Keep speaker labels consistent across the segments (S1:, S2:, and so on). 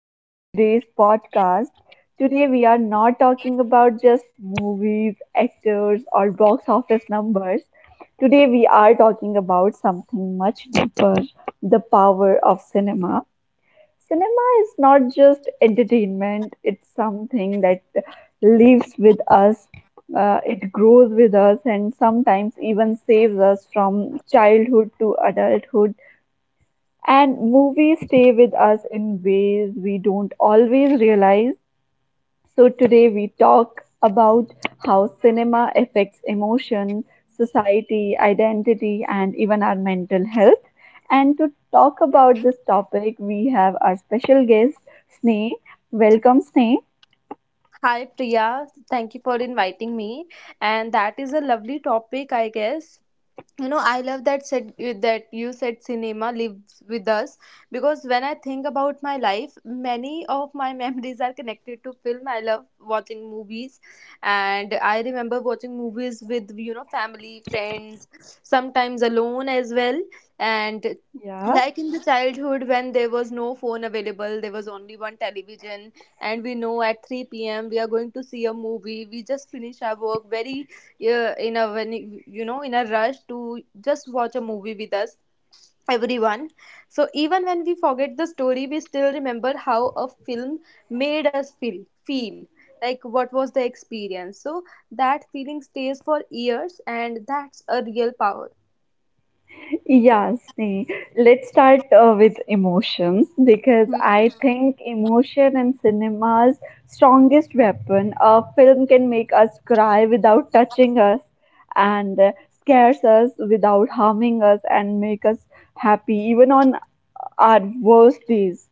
S1: to today's podcast. Today, we are not talking about just movies, actors, or box office numbers. Today, we are talking about something much deeper, the power of cinema. Cinema is not just entertainment, it's something that lives with us, it grows with us, and sometimes even saves us from childhood to adulthood, and movies stay with us in ways we don't always realize. So, today we talk about how cinema affects emotion, society, identity, and even our mental health. And to talk about this topic, we have our special guest, Sneh. Welcome, Sneh.
S2: Hi Priya, thank you for inviting me. And that is a lovely topic, I guess. You know, I love that said that you said cinema lives with us, because when I think about my life, many of my memories are connected to film. I love watching movies, and I remember watching movies with you know family friends, sometimes alone as well. And
S1: Yeah.
S2: like in the childhood, when there was no phone available, there was only one television, and we know at 3 p.m we are going to see a movie. We just finish our work very in a when you know, in a rush to just watch a movie with us, everyone. So even when we forget the story, we still remember how a film made us feel, like what was the experience. So that feeling stays for years, and that's a real power.
S1: Yeah, see, let's start with emotions because I think emotion and cinema's strongest weapon. A film can make us cry without touching us, and scares us without harming us, and make us happy even on our worst days.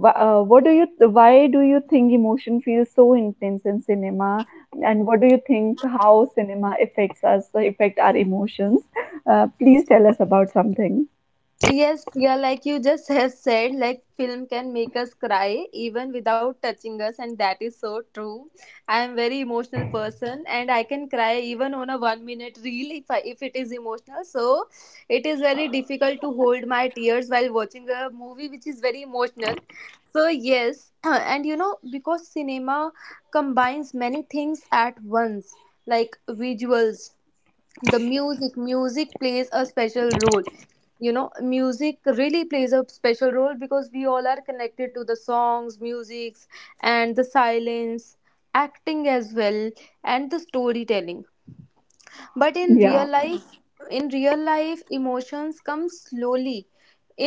S1: What do you, why do you think emotion feels so intense in cinema, and what do you think, how cinema affects us, affect our emotions? Please tell us about something.
S2: Yes, Priya, like you just have said, like film can make us cry even without touching us, and that is so true. I am very emotional person, and I can cry even on a 1 minute reel if it is emotional. So it is very difficult to hold my tears while watching a movie which is very emotional. So yes, and you know, because cinema combines many things at once, like visuals, the music plays a special role. You know, music really plays a special role, because we all are connected to the songs, musics, and the silence, acting as well, and the storytelling. But in real
S1: yeah
S2: life, in real life emotions come slowly.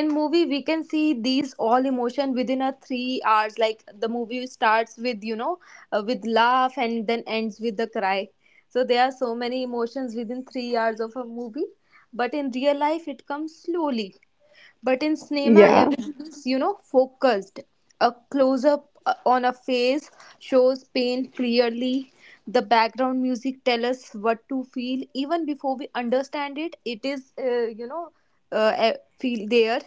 S2: In movie we can see these all emotion within a 3 hours, like the movie starts with you know with laugh and then ends with the cry. So there are so many emotions within 3 hours of a movie, but in real life it comes slowly. But in cinema,
S1: yeah
S2: everything is, you know, focused. A close up on a face shows pain clearly. The background music tells us what to feel even before we understand it. It is, you know, feel there.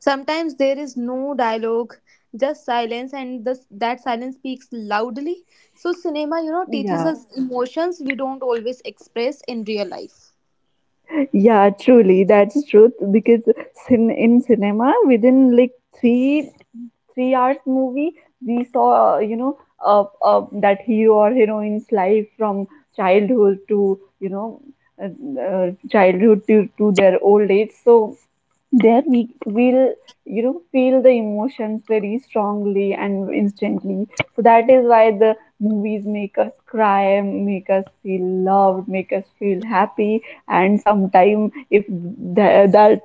S2: Sometimes there is no dialogue, just silence, and that silence speaks loudly. So, cinema, you know, teaches
S1: yeah
S2: us emotions we don't always express in real life.
S1: yeah, truly, that's truth, because in cinema, within like three hours movie, we saw, that hero or heroine's life from childhood to, childhood to their old age. So there we will, you know, feel the emotions very strongly and instantly, so that is why the movies make us cry, make us feel loved, make us feel happy. And sometime, if that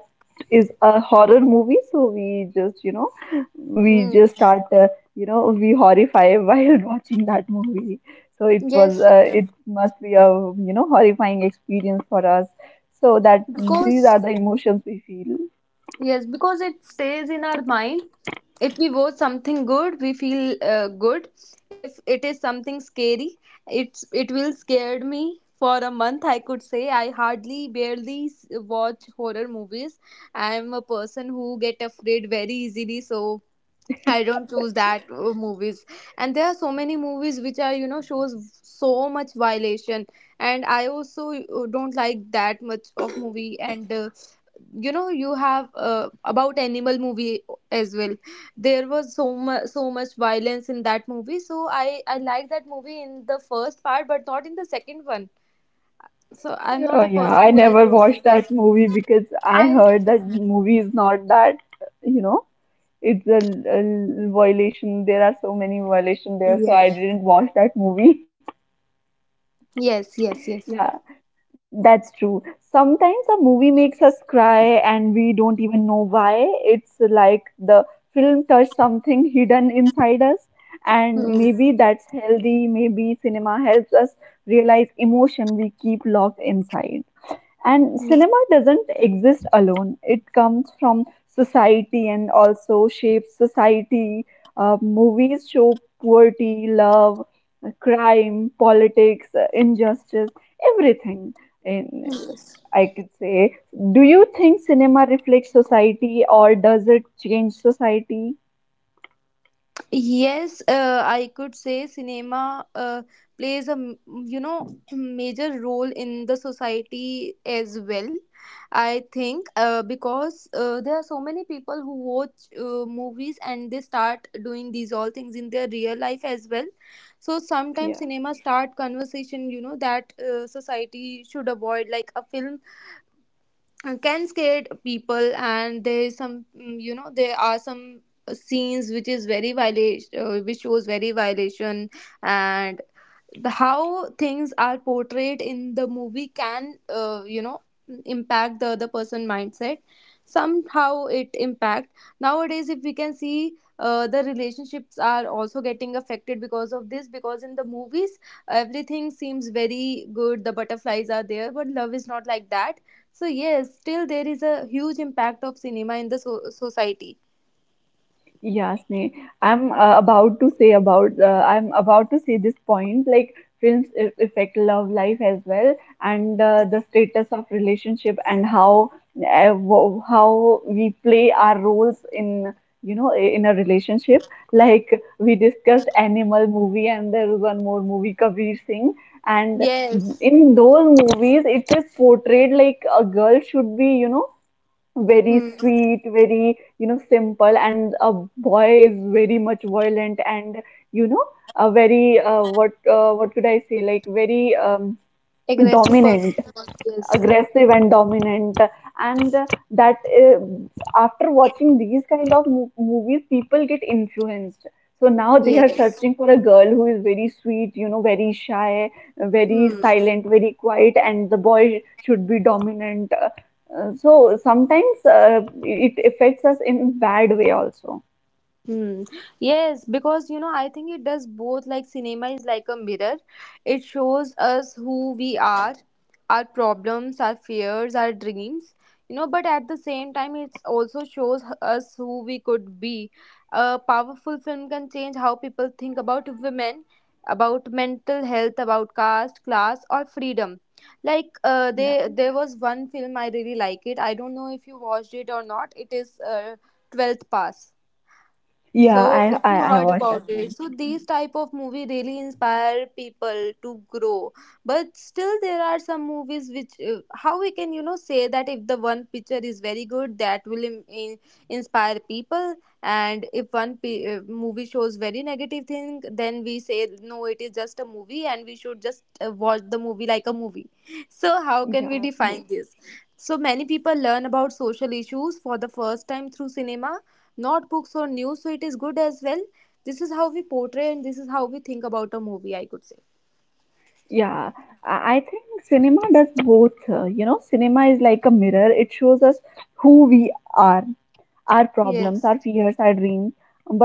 S1: is a horror movie, so we just, you know, we
S2: Hmm.
S1: just start, you know, we horrify while watching that movie. So it was,
S2: Yes,
S1: it must be a, you know, horrifying experience for us, so that these are
S2: because
S1: the emotions we feel.
S2: Yes, because it stays in our mind. If we watch something good, we feel good. If it is something scary, it will scared me for a month. I could say I hardly barely watch horror movies. I am a person who get afraid very easily, so I don't choose that movies. And there are so many movies which are, you know, shows so much violation. And I also don't like that much of movie. And, you know, you have about animal movie as well. There was so much violence in that movie. So I like that movie in the first part, but not in the second one. So I'm not
S1: Oh
S2: a
S1: yeah,
S2: person
S1: I
S2: who like
S1: never
S2: those
S1: watched that
S2: movies.
S1: movie because I
S2: I,
S1: heard that movie is not that, you know, it's a violation. There are so many violations there, so I
S2: yes,
S1: didn't watch that movie.
S2: yes.
S1: Yeah, that's true. Sometimes a movie makes us cry and we don't even know why. It's like the film touched something hidden inside us, and
S2: Hmm.
S1: maybe that's healthy. Maybe cinema helps us realize emotion we keep locked inside. And
S2: Hmm.
S1: cinema doesn't exist alone. It comes from society and also shapes society. Movies show poverty, love, crime, politics, injustice, everything. In,
S2: Yes.
S1: I could say, do you think cinema reflects society or does it change society?
S2: Yes, I could say cinema plays a you know major role in the society as well. I think because there are so many people who watch movies, and they start doing these all things in their real life as well. So sometimes
S1: Yeah.
S2: cinema start conversation, you know, that society should avoid, like a film can scare people. And there is you know, there are some scenes which is very violation, which shows very violation. And the how things are portrayed in the movie can you know impact the other person mindset. Somehow it impact. Nowadays, if we can see, the relationships are also getting affected because of this, because in the movies everything seems very good, the butterflies are there, but love is not like that. So yes, still there is a huge impact of cinema in the society.
S1: Yeah, Sneh. I'm about to say about I'm about to say this point, like films affect love life as well, and the status of relationship, and how how we play our roles in, you know, in a relationship. Like we discussed animal movie, and there is one more movie, Kabir Singh. And
S2: Yes.
S1: in those movies it is portrayed like a girl should be, you know, very
S2: Hmm.
S1: sweet, very, you know, simple, and a boy is very much violent and, you know, a very, what could I say, like very,
S2: Aggressive person.
S1: dominant,
S2: Yes.
S1: aggressive and dominant. And that, after watching these kind of movies, people get influenced, so now they are
S2: Yes.
S1: searching for a girl who is very sweet, you know, very shy, very
S2: Hmm.
S1: silent, very quiet, and the boy should be dominant. So sometimes, it affects us in bad way also.
S2: Hmm. Yes, because you know, I think it does both. Like, cinema is like a mirror, it shows us who we are, our problems, our fears, our dreams, you know, but at the same time, it also shows us who we could be. A powerful film can change how people think about women, about mental health, about caste, class, or freedom. Like,
S1: Yeah.
S2: there was one film I really like it. I don't know if you watched it or not. It is 12th Pass.
S1: Yeah,
S2: So if you
S1: I
S2: heard
S1: watched that
S2: about it,
S1: movie.
S2: so these type of movie really inspire people to grow. But still, there are some movies which how we can you know say that if the one picture is very good, that will inspire people. And if one movie shows very negative thing, then we say no, it is just a movie, and we should just watch the movie like a movie. So how can we
S1: Yeah,
S2: define
S1: true.
S2: this? So many people learn about social issues for the first time through cinema, not books or news, so it is good as well. This is how we portray, and this is how we think about a movie, I could say.
S1: Yeah, I think cinema does both. You know, cinema is like a mirror. It shows us who we are, our problems,
S2: Yes.
S1: our fears, our dreams.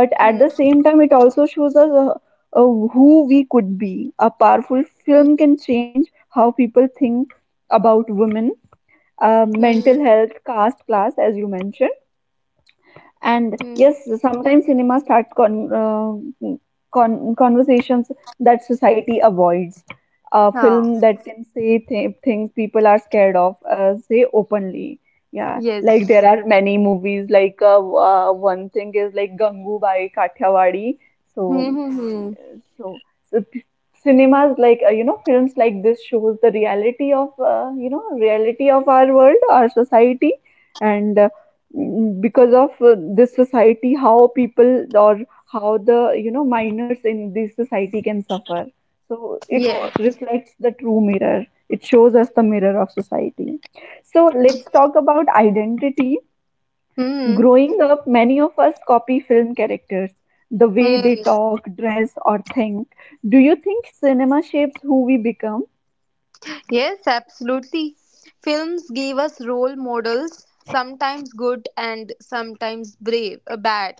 S1: But at the
S2: Hmm.
S1: same time, it also shows us, uh, who we could be. A powerful film can change how people think about women,
S2: Hmm.
S1: mental health, caste, class, as you mentioned. And
S2: Hmm.
S1: yes, sometimes cinema starts conversations that society avoids. A film
S2: Ah.
S1: that can say things people are scared of, say openly. Yeah, like
S2: Yes.
S1: there are many movies. Like, one thing is like Gangubai Kathiawadi.
S2: Hmm.
S1: So,
S2: Hmm.
S1: so, so p- cinemas like, you know, films like this shows the reality of, you know, reality of our world, our society, and, because of, this society, how people, or how the, you know, minors in this society can suffer. So it
S2: Yeah.
S1: reflects the true mirror. It shows us the mirror of society. So let's talk about identity.
S2: Hmm. Hmm.
S1: Growing up, many of us copy film characters, the way they
S2: Hmm.
S1: talk, dress, or think. Do you think cinema shapes who we become?
S2: Yes, absolutely. Films gave us role models, sometimes good and sometimes brave bad.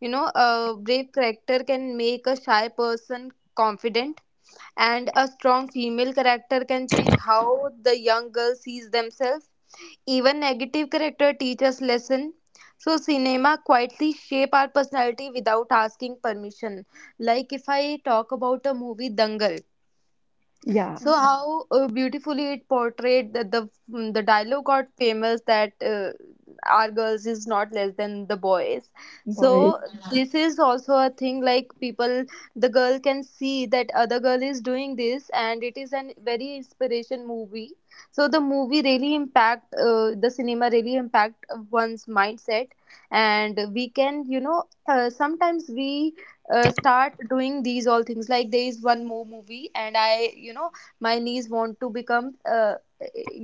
S2: You know, a brave character can make a shy person confident, and a strong female character can change how the young girl sees themselves. Even negative character teaches lesson. So cinema quietly shape our personality without asking permission. Like if I talk about a movie Dangal,
S1: Yeah,
S2: so how beautifully it portrayed that the dialogue got famous that our girls is not less than the boys. So
S1: boys.
S2: yeah, this is also a thing, like people, the girl can see that other girl is doing this, and it is an very inspiration movie. So the movie really impact the cinema really impact one's mindset. And we can, you know, sometimes we start doing these all things. Like there is one more movie, and I you know, my niece want to become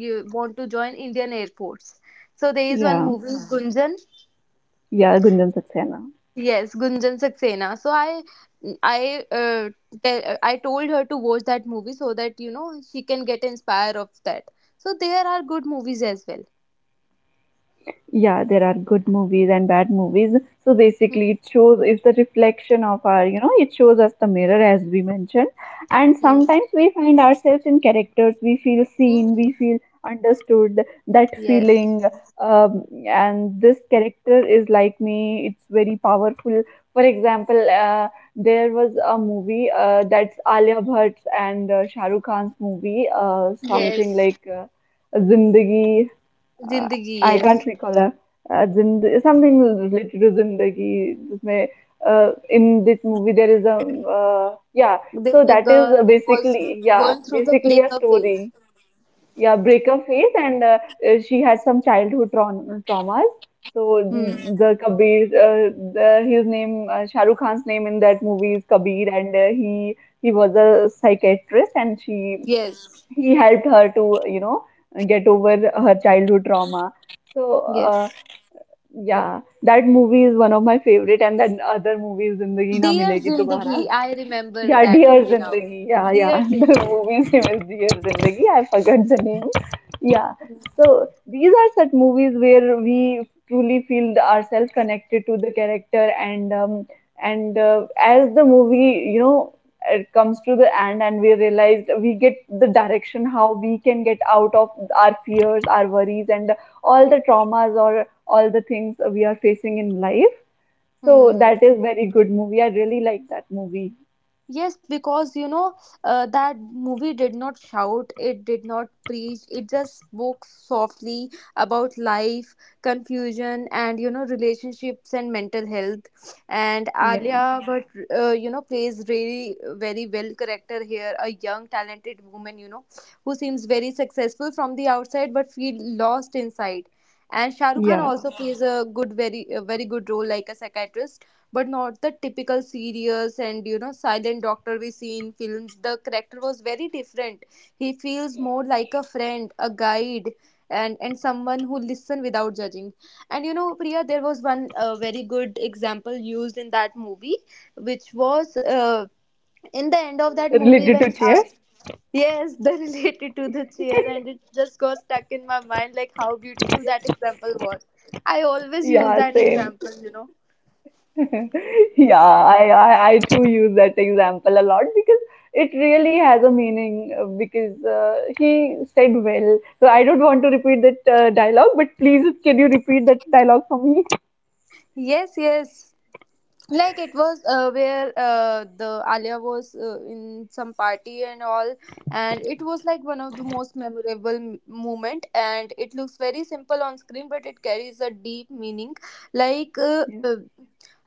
S2: you want to join Indian Air Force. So there is one
S1: Yeah,
S2: movie, yeah, Gunjan,
S1: yeah, Gunjan Saxena.
S2: yes, Gunjan Saxena. So i uh, I told her to watch that movie so that you know she can get inspired of that. So there are good movies as well.
S1: Yeah, there are good movies and bad movies, so basically it shows, is the reflection of our, you know, it shows us the mirror, as we mentioned. And
S2: Mm,
S1: sometimes we find ourselves in characters, we feel seen, we
S2: mm.
S1: feel understood. That
S2: Yes.
S1: feeling, and this character is like me, it's very powerful. For example, there was a movie, that's Alia Bhatt's and shahrukh khan's movie, something
S2: Yes,
S1: like, zindagi, uh,
S2: Zindagi.
S1: I
S2: Yes,
S1: can't recall her. जिंद- something related to zindagi जिसमें, in this movie there is a, yeah, so
S2: there's a
S1: that is
S2: girl who was
S1: basically, yeah,
S2: going through the
S1: basically a
S2: breakup phase.
S1: story. Yeah, breakup phase, and she had some childhood traumas. So
S2: Hmm.
S1: the Kabir, the, his name, Shah Rukh Khan's name in that movie is Kabir, and he was a psychiatrist, and she
S2: Yes.
S1: he helped her to, you know, get over her childhood trauma. So, uh,
S2: Yes.
S1: yeah, that movie is one of my favorite, and then other movie is zindagi na
S2: Dear
S1: milegi dobara.
S2: Zindagi, I remember
S1: Yeah,
S2: that
S1: Dear
S2: movie now.
S1: Zindagi. Yeah,
S2: Dear
S1: yeah. The
S2: Zindagi.
S1: movie's name is Dear Zindagi. I forgot the name. Yeah. So these are such movies where we truly feel ourselves connected to the character, and, and, as the movie, you know, it comes to the end, and we realize we get the direction how we can get out of our fears, our worries, and all the traumas or all the things we are facing in life. So
S2: Hmm.
S1: that is very good movie. I really like that movie.
S2: Yes, because you know that movie did not shout, it did not preach, it just spoke softly about life, confusion, and you know relationships and mental health. And
S1: Yeah.
S2: Alia, but you know, plays really very well character here, a young talented woman, you know, who seems very successful from the outside but feel lost inside. And Shahrukh Khan
S1: Yeah,
S2: also plays a a very good role like a psychiatrist, but not the typical serious and you know silent doctor we see in films. The character was very different. He feels more like a friend, a guide, and someone who listen without judging. And you know Priya, there was one very good example used in that movie, which was in the end of that movie
S1: related
S2: when
S1: to chairs.
S2: yes, the related to the chair, and it just got stuck in my mind, like how beautiful that example was. I always use
S1: Yeah,
S2: that
S1: same.
S2: example, you know.
S1: Yeah, I too use that example a lot, because it really has a meaning, because, he said well. So I don't want to repeat that dialogue, but please, can you repeat that dialogue for me?
S2: Yes, yes. Like it was where the Alia was in some party and all, and it was like one of the most memorable moment. And it looks very simple on screen, but it carries a deep meaning. Like
S1: Yes.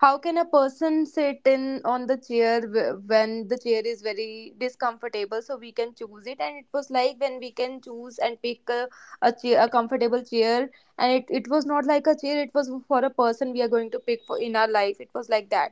S2: how can a person sit in on the chair when the chair is very discomfortable? So we can choose it, and it was like when we can choose and pick a chair, a comfortable chair. And it was not like a chair. It was for a person we are going to pick for in our life. It was like that.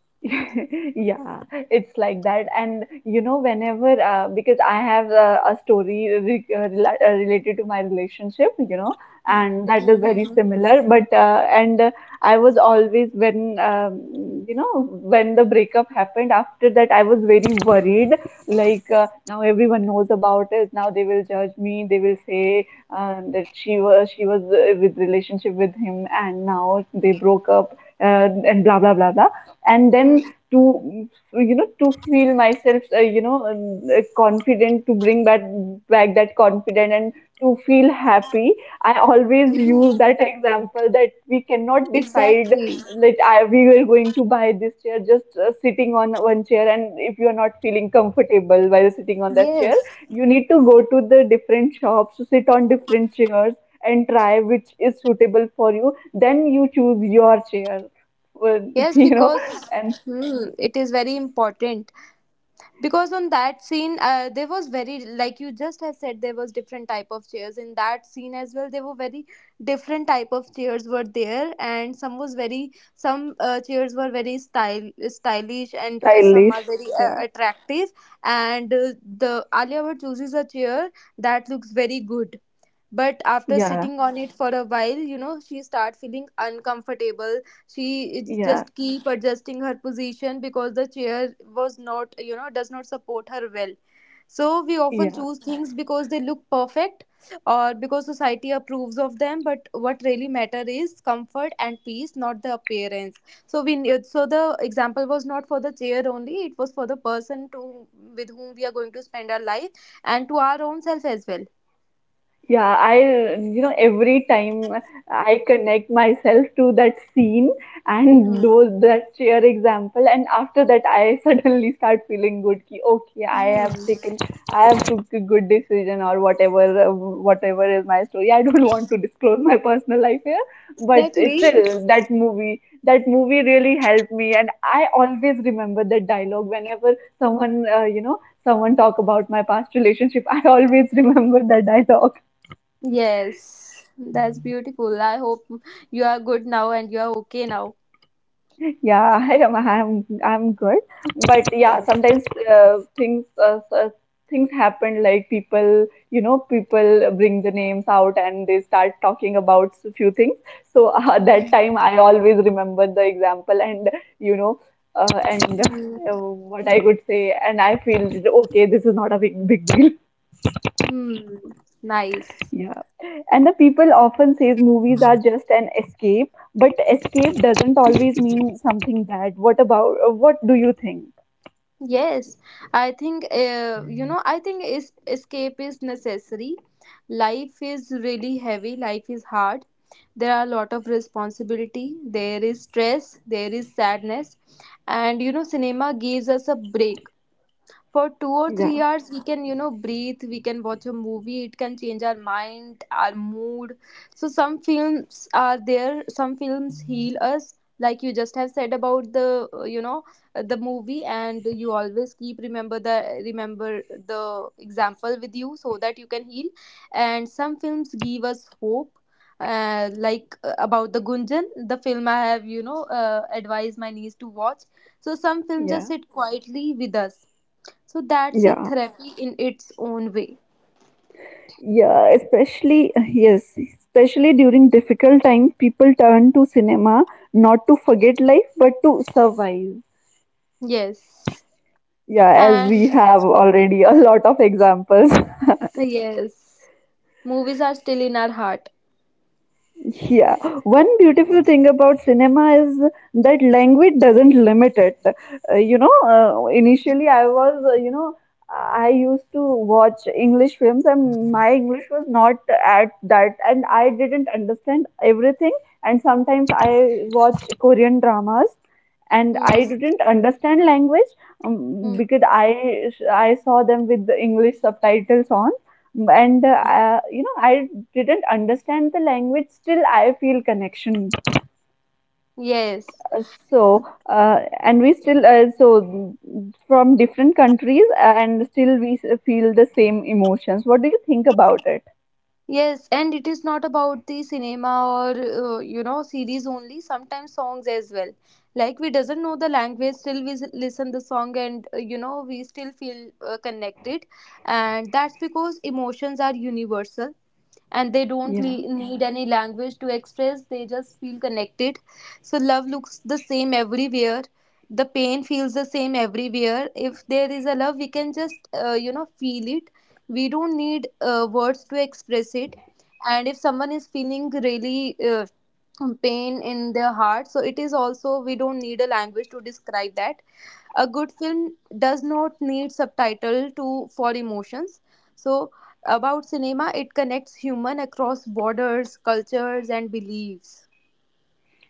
S1: Yeah, it's like that. And you know, whenever, because I have a story re rela related to my relationship, you know, and that is very similar. But, and I was always, when, you know, when the breakup happened, after that, I was very worried. Like, now everyone knows about it. Now they will judge me. They will say that she was, with relationship with him, and now they broke up. And blah blah blah blah, and
S2: Hmm.
S1: then to, you know, to feel myself, confident, to bring back that confidence, and to feel happy, I always use
S2: Hmm.
S1: that example, that we cannot decide
S2: Exactly.
S1: that I, we were going to buy this chair just, sitting on one chair, and if you are not feeling comfortable while sitting on that chair,
S2: Yes.
S1: you need to go to the different shops to sit on different chairs and try which is suitable for you, then you choose your chair. Well,
S2: Yes,
S1: you know,
S2: because
S1: and
S2: hmm, it is very important. Because on that scene, there was very, like you just have said, there was different type of chairs in that scene as well. There were very different type of chairs were there, and some was very, some chairs were very style stylish, and some are
S1: stylish.
S2: very
S1: Yeah,
S2: attractive, and the Alia Bhatt chooses a chair that looks very good. But after
S1: Yeah,
S2: sitting on it for a while, she start feeling uncomfortable. She is
S1: yeah,
S2: just keep adjusting her position, because the chair was not, does not support her well. So we often
S1: yeah.
S2: choose things because they look perfect, or because society approves of them, but what really matter is comfort and peace, not the appearance. So so the example was not for the chair only, it was for the person to, with whom we are going to spend our life, and to our own self as well.
S1: Yeah. I, you know, every time I connect myself to that scene and
S2: Hmm.
S1: those, that chair example, and after that, I suddenly start feeling good. Ki, okay, I
S2: Hmm.
S1: have taken, I have took a good decision, or whatever, whatever is my story. I don't want to disclose my personal life here, but
S2: Exactly.
S1: still, that movie really helped me, and I always remember that dialogue whenever someone, you know, someone talk about my past relationship. I always remember that dialogue.
S2: Yes, that's beautiful. I hope you are good now and you are okay now.
S1: Yeah, hi Rama, I'm good. But yeah, sometimes, uh, things uh, uh, things happen, like people, you know, people bring the names out and they start talking about a few things. So that
S2: Okay.
S1: time I always remember the example, and you know, and
S2: Mm,
S1: what I could say, and I feel, okay, this is not a big deal.
S2: mm, nice.
S1: Yeah. And the people often says movies are just an escape, but escape doesn't always mean something bad. What about, what do you think?
S2: Yes, I think you know. I think is escape is necessary. Life is really heavy. Life is hard. There are a lot of responsibility. There is stress. There is sadness, and, cinema gives us a break. For 2 or 3 hours we can, breathe. We can watch a movie. It can change our mind, our mood. So some films are there, some films heal us, like you just have said about the movie, and you always keep remember the example with you, so that you can heal. And some films give us hope, like, about the Gunjan, the film I have, advised my niece to watch. So some films just
S1: Yeah.
S2: sit quietly with us, so that's a
S1: Yeah.
S2: therapy in its own way.
S1: Yeah, especially, yes, especially during difficult times, people turn to cinema not to forget life but to survive.
S2: Yes.
S1: Yeah, as
S2: And
S1: we have already a lot of examples.
S2: yes, movies are still in our heart.
S1: Yeah, one beautiful thing about cinema is that language doesn't limit it. You know, initially I was, you know, I used to watch English films and my English was not at that, and I didn't understand everything. And sometimes I watch Korean dramas and I
S2: Hmm.
S1: didn't understand language
S2: Hmm.
S1: because I saw them with the English subtitles on and I didn't understand the language. Still I feel connection.
S2: Yes.
S1: Uh, so uh, and we still, from different countries, and still we feel the same emotions. What do you think about it?
S2: Yes, and it is not about the cinema or, series only. Sometimes songs as well. Like we doesn't know the language, still we listen the song, and, we still feel connected. And that's because emotions are universal, and they don't
S1: Yeah.
S2: need any language to express, they just feel connected. So love looks the same everywhere, the pain feels the same everywhere. If there is a love, we can just feel it. We don't need words to express it. And if someone is feeling really pain in their heart, so it is also, we don't need a language to describe that. A good film does not need subtitle to for emotions. So about cinema, it connects human across borders, cultures, and beliefs.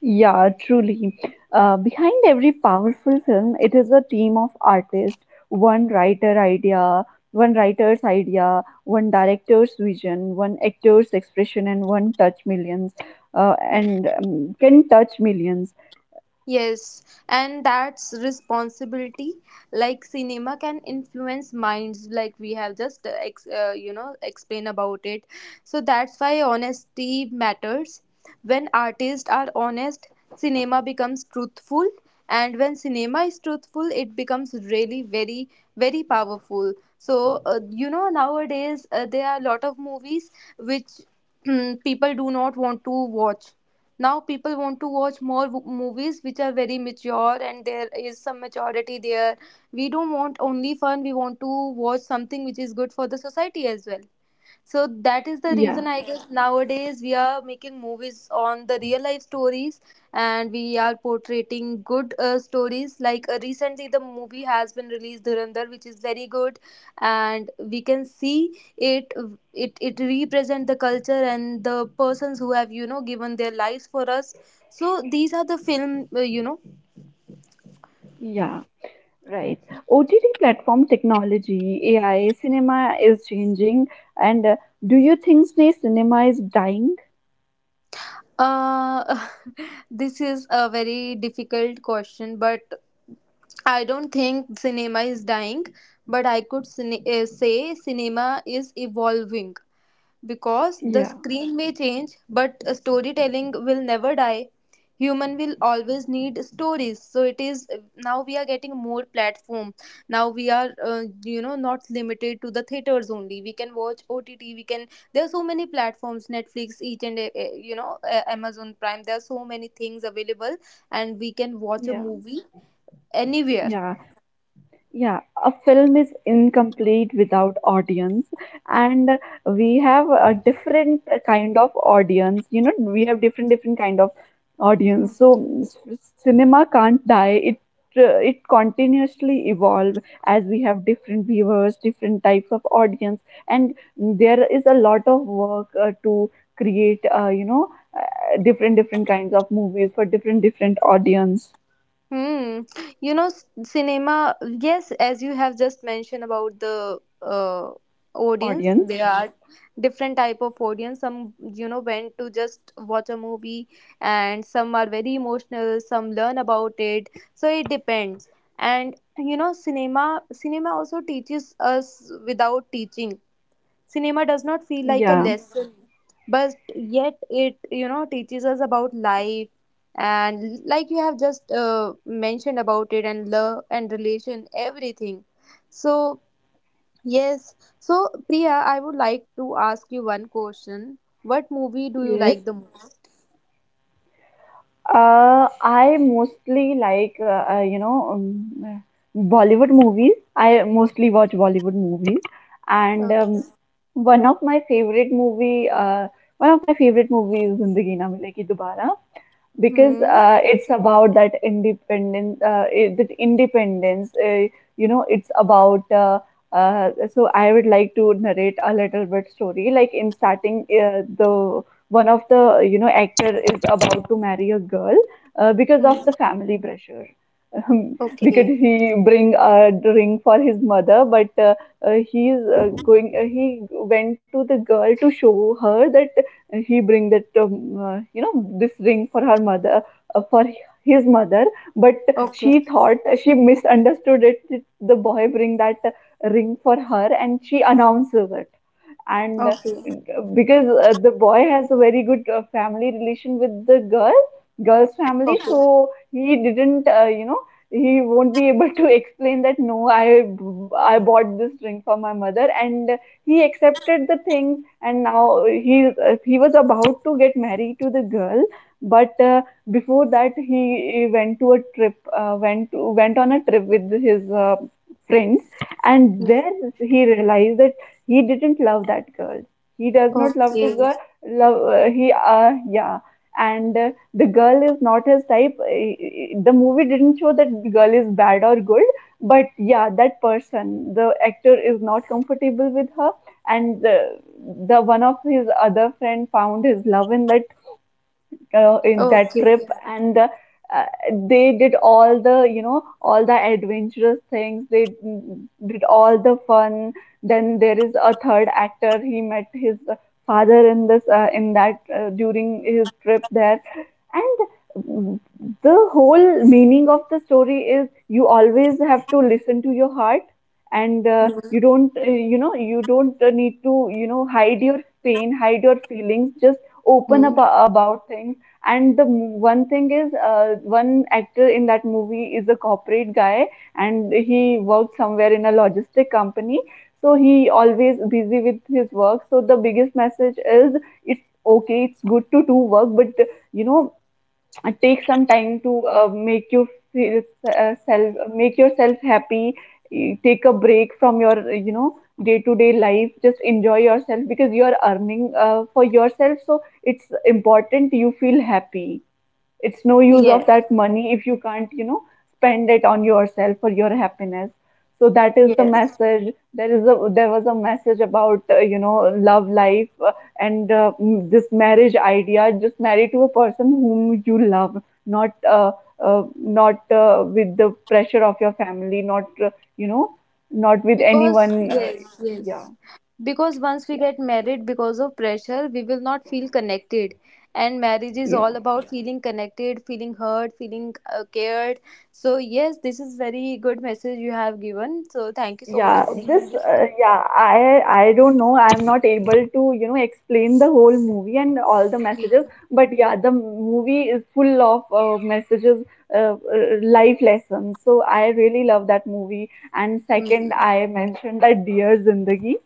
S1: Yeah, truly. Behind every powerful film, it is a team of artists, one writer idea, one writer's idea, one director's vision, one actor's expression, and one touch millions,
S2: Hmm.
S1: and can touch millions.
S2: Yes, and that's responsibility. Like cinema can influence minds, like we have just explain about it. So that's why honesty matters. When artists are honest, cinema becomes truthful, and when cinema is truthful, it becomes really very very powerful. So, nowadays, there are a lot of movies which people do not want to watch. Now people want to watch more movies, which are very mature, and there is some maturity there. We don't want only fun, we want to watch something which is good for the society as well. So that is the
S1: Yeah,
S2: reason, I guess, nowadays we are making movies on the real life stories, and we are portraying good stories. Like, recently, the movie has been released Dhurandhar, which is very good, and we can see it. It represent the culture and the persons who have, given their lives for us. So these are the film.
S1: yeah, right. OTT platform technology, AI, cinema is changing, and do you think cinema is dying?
S2: Uh, this is a very difficult question, but I don't think cinema is dying, but I could say cinema is evolving, because the
S1: Yeah,
S2: screen may change, but, storytelling will never die. Human will always need stories, so it is now we are getting more platform. Now we are, not limited to the theaters only. We can watch OTT. We can. There are so many platforms, Netflix, each and, Amazon Prime. There are so many things available, and we can watch a
S1: yeah,
S2: movie anywhere.
S1: yeah. Yeah, a film is incomplete without audience, and we have a different kind of audience. You know, we have different kind of audience. Cinema can't die. It, it continuously evolve, as we have different viewers, different types of audience, and there is a lot of work to create. Different kinds of movies for different audience
S2: Hmm. You know, cinema. Yes, as you have just mentioned about the audience,
S1: audience.
S2: there are different type of audience. Some, went to just watch a movie, and some are very emotional. Some learn about it. So it depends. And, cinema. Cinema also teaches us without teaching. Cinema does not feel like a
S1: Yeah.
S2: lesson, but yet it, teaches us about life, and like you have just mentioned about it, and love and relation, everything. So, yes. So, Priya, I would like to ask you one question. What movie do you
S1: Yes.
S2: like the most?
S1: I mostly like Bollywood movies. I mostly watch Bollywood movies, and
S2: Okay.
S1: one of my favorite movie, uh, one of my favorite movies, Zindagi Na Milegi Dobara, because
S2: Hmm.
S1: it's about that independence. Uh, you know it's about so I would like to narrate a little bit story. Like in starting, the one of the, you know, actor is about to marry a girl because of
S2: Hmm.
S1: the family pressure. um, because
S2: Okay.
S1: he bring a ring for his mother, but he went to the girl to show her that, and he bring that this ring for her mother for his mother. But
S2: Okay.
S1: she thought, she misunderstood it. The boy bring that ring for her, and she announces it. And
S2: Okay.
S1: because the boy has a very good family relation with the girl's family,
S2: Okay.
S1: so he didn't, you know, he won't be able to explain that, "No, I bought this ring for my mother," and he accepted the thing. And now he, he was about to get married to the girl. But before that, he went to a trip, went on a trip with his friends, and
S2: Hmm.
S1: there he realized that he didn't love that girl. He does not love to
S2: Okay.
S1: girl love he Yeah. And the girl is not his type. The movie didn't show that the girl is bad or good, but yeah, that person, the actor is not comfortable with her. And the one of his other friend found his love in that
S2: Okay.
S1: trip. And uh, they did all the, you know, all the adventurous things. They did all the fun. Then there is a third actor, he met his father in this in that, during his trip there. And the whole meaning of the story is, you always have to listen to your heart. And
S2: Hmm.
S1: you don't, you know, you don't, need to, you know, hide your pain, hide your feelings, just open
S2: Hmm.
S1: ab- about things. And one thing is, one actor in that movie is a corporate guy, and he worked somewhere in a logistic company. So he always busy with his work. So the biggest message is, it's okay, it's good to do work, but you know, take some time to make you feel self, make yourself happy. Take a break from your, you know, day-to-day life. Just enjoy yourself, because you are earning for yourself. So it's important you feel happy. It's no use of
S2: Yes.
S1: that money if you can't, you know, spend it on yourself or your happiness. So that is the
S2: Yes.
S1: message. There is a, there was a message about, you know, love life and this marriage idea, just marry to a person whom you love, not not with the pressure of your family, not you know, not with
S2: Because,
S1: anyone
S2: yes,
S1: yeah.
S2: yes. Because once we
S1: Yeah.
S2: get married because of pressure, we will not feel connected. And marriage is
S1: Yeah.
S2: all about feeling connected, feeling heard, feeling cared. So, yes, this is very good message you have given. So, thank you so much
S1: Yeah,
S2: for giving
S1: this,
S2: this.
S1: yeah, I don't know. I'm not able to, you know, explain the whole movie and all the messages.
S2: Hmm.
S1: But yeah, the movie is full of messages, life lessons. So I really love that movie. And second,
S2: Hmm.
S1: I mentioned that Dear Zindagi.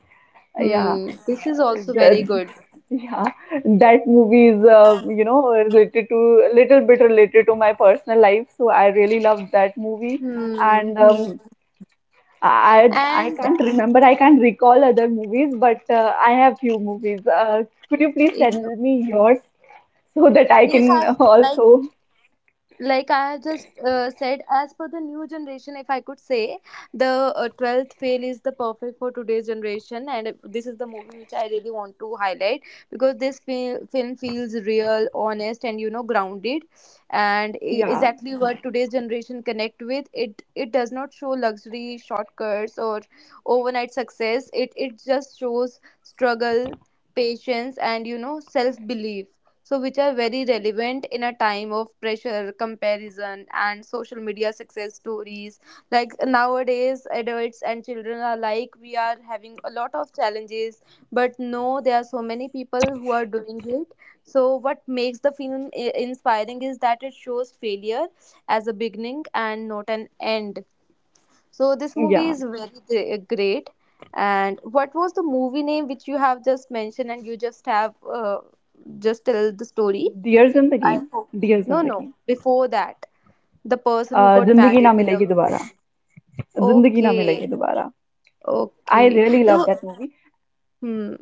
S1: Yeah,
S2: Hmm. This is also very
S1: the,
S2: good.
S1: yeah, that movie is, you know, related to little bit related to my personal life. So I really love that movie.
S2: Hmm.
S1: And
S2: Hmm.
S1: I
S2: And,
S1: can't remember. I can't recall other movies, but I have few movies. Could you please
S2: you
S1: send me yours so that I
S2: yes,
S1: can
S2: I like.
S1: also?
S2: Like, I have just said, as per the new generation, if I could say, the 12th fail is the perfect for today's generation, and this is the movie which I really want to highlight, because this film feels real, honest, and, grounded, and
S1: Yeah.
S2: exactly what today's generation connect with. It does not show luxury shortcuts or overnight success. It just shows struggle, patience, and, self belief, so which are very relevant in a time of pressure, comparison, and social media success stories. Like nowadays adults and children are like, we are having a lot of challenges, but no, there are so many people who are doing it. So what makes the film inspiring is that it shows failure as a beginning and not an end. So this movie
S1: Yeah.
S2: is very great. And what was the movie name which you have just mentioned and you just have uh, just tell the story?
S1: Dears in the game. Dears in
S2: No,
S1: the
S2: no,
S1: game.
S2: before that, the person who got
S1: Zindagi Na
S2: married with
S1: Milegi
S2: a,
S1: Dobara. Zindagi Na Milegi
S2: okay,
S1: Dobara. I
S2: okay.
S1: really
S2: So,
S1: love that movie.
S2: hmm,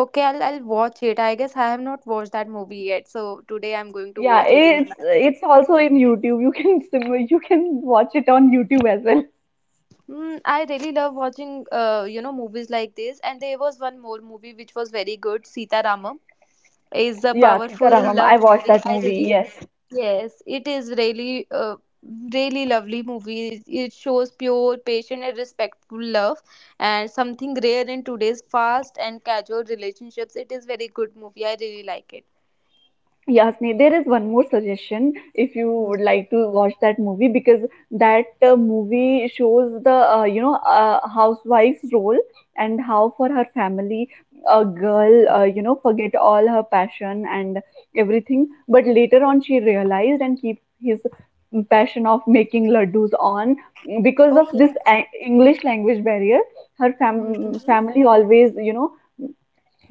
S2: okay, I'll watch it. I guess I have not watched that movie yet, so today I'm going to
S1: Yeah,
S2: watch it in the night.
S1: it's also in YouTube. You can you can watch it on YouTube as well.
S2: Mm, I really love watching, movies like this. And there was one more movie which was very good, Sita is a
S1: Yeah,
S2: powerful
S1: Sitaramam. I
S2: love
S1: watched
S2: movie.
S1: that
S2: I
S1: movie.
S2: really.
S1: Yes.
S2: Yes, it is really lovely movie. It shows pure, patient, and respectful love, and something rare in today's fast and casual relationships. It is very good movie. I really like it.
S1: Yasni, there is one more suggestion if you would
S2: Hmm.
S1: like to watch that movie, because that movie shows the, you know, housewife's role, and how for her family a girl, you know, forget all her passion and everything, but later on she realized and keep his passion of making laddus on, because of
S2: Okay.
S1: this English language barrier. Her
S2: Mhm.
S1: family always, you know,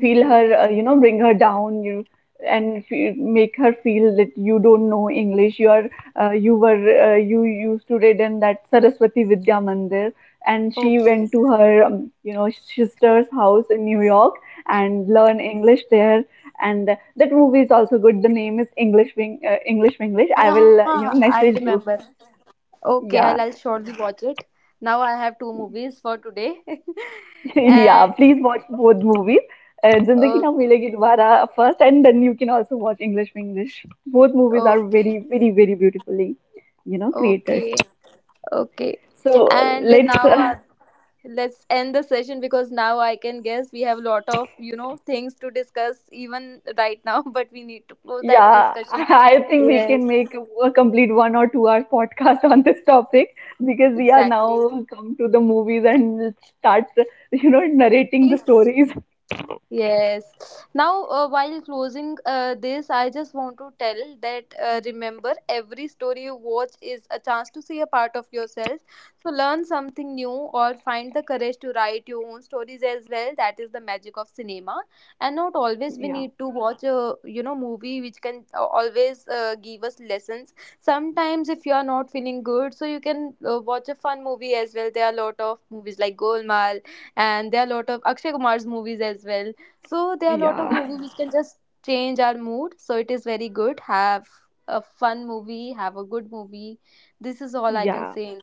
S1: feel her, you know, bring her down, you and fe make her feel that you don't know English. You are, you were, you used to read in that Saraswati Vidya Mandir, and she
S2: Okay.
S1: went to her, you know, sister's house in New York and learn English there. And that movie is also good. The name is English English. I will,
S2: Yeah,
S1: you know,
S2: I
S1: message
S2: remember.
S1: you.
S2: Okay, I'll
S1: Yeah.
S2: shortly watch it. Now I have two movies for today.
S1: Yeah,
S2: And
S1: please watch both movies. Zindagi Na
S2: okay,
S1: Milegi Dobara first, and then you can also watch English with English. Both movies are
S2: okay,
S1: very, very, very beautifully, you know, created.
S2: okay. Okay.
S1: So
S2: And
S1: let's,
S2: now, I let's end the session, because now I can guess we have a lot of, things to discuss even right now, but we need to close that
S1: yeah,
S2: discussion.
S1: I think we
S2: Yes,
S1: can make a complete 1 or 2 hours podcast on this topic, because we are
S2: exactly.
S1: now come to the movies and start, you know, narrating the stories.
S2: Yes. Now, while closing this, I just want to tell that, remember, every story you watch is a chance to see a part of yourself. So, learn something new or find the courage to write your own stories as well. That is the magic of cinema. And not always we
S1: Yeah,
S2: need to watch a, movie, which can always give us lessons. Sometimes, if you are not feeling good, so you can watch a fun movie as well. There are a lot of movies like Golmaal, and there are a lot of Akshay Kumar's movies as well, so there are a lot of
S1: yeah,
S2: movies which can just change our mood. So it is very good. Have a fun movie. Have a good movie. This is all I can
S1: yeah.
S2: say.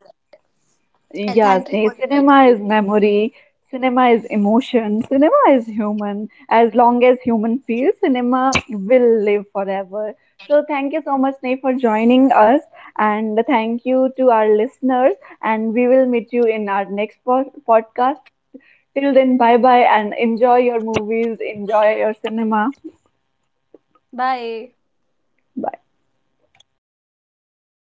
S1: Yes, nay, cinema is memory, cinema is emotion, cinema is human. As long as human feels, cinema will live forever. So thank you so much, Nay, for joining us, and thank you to our listeners. And we will meet you in our next podcast. Till then, bye bye, and enjoy your movies, enjoy your cinema.
S2: Bye.
S1: Bye.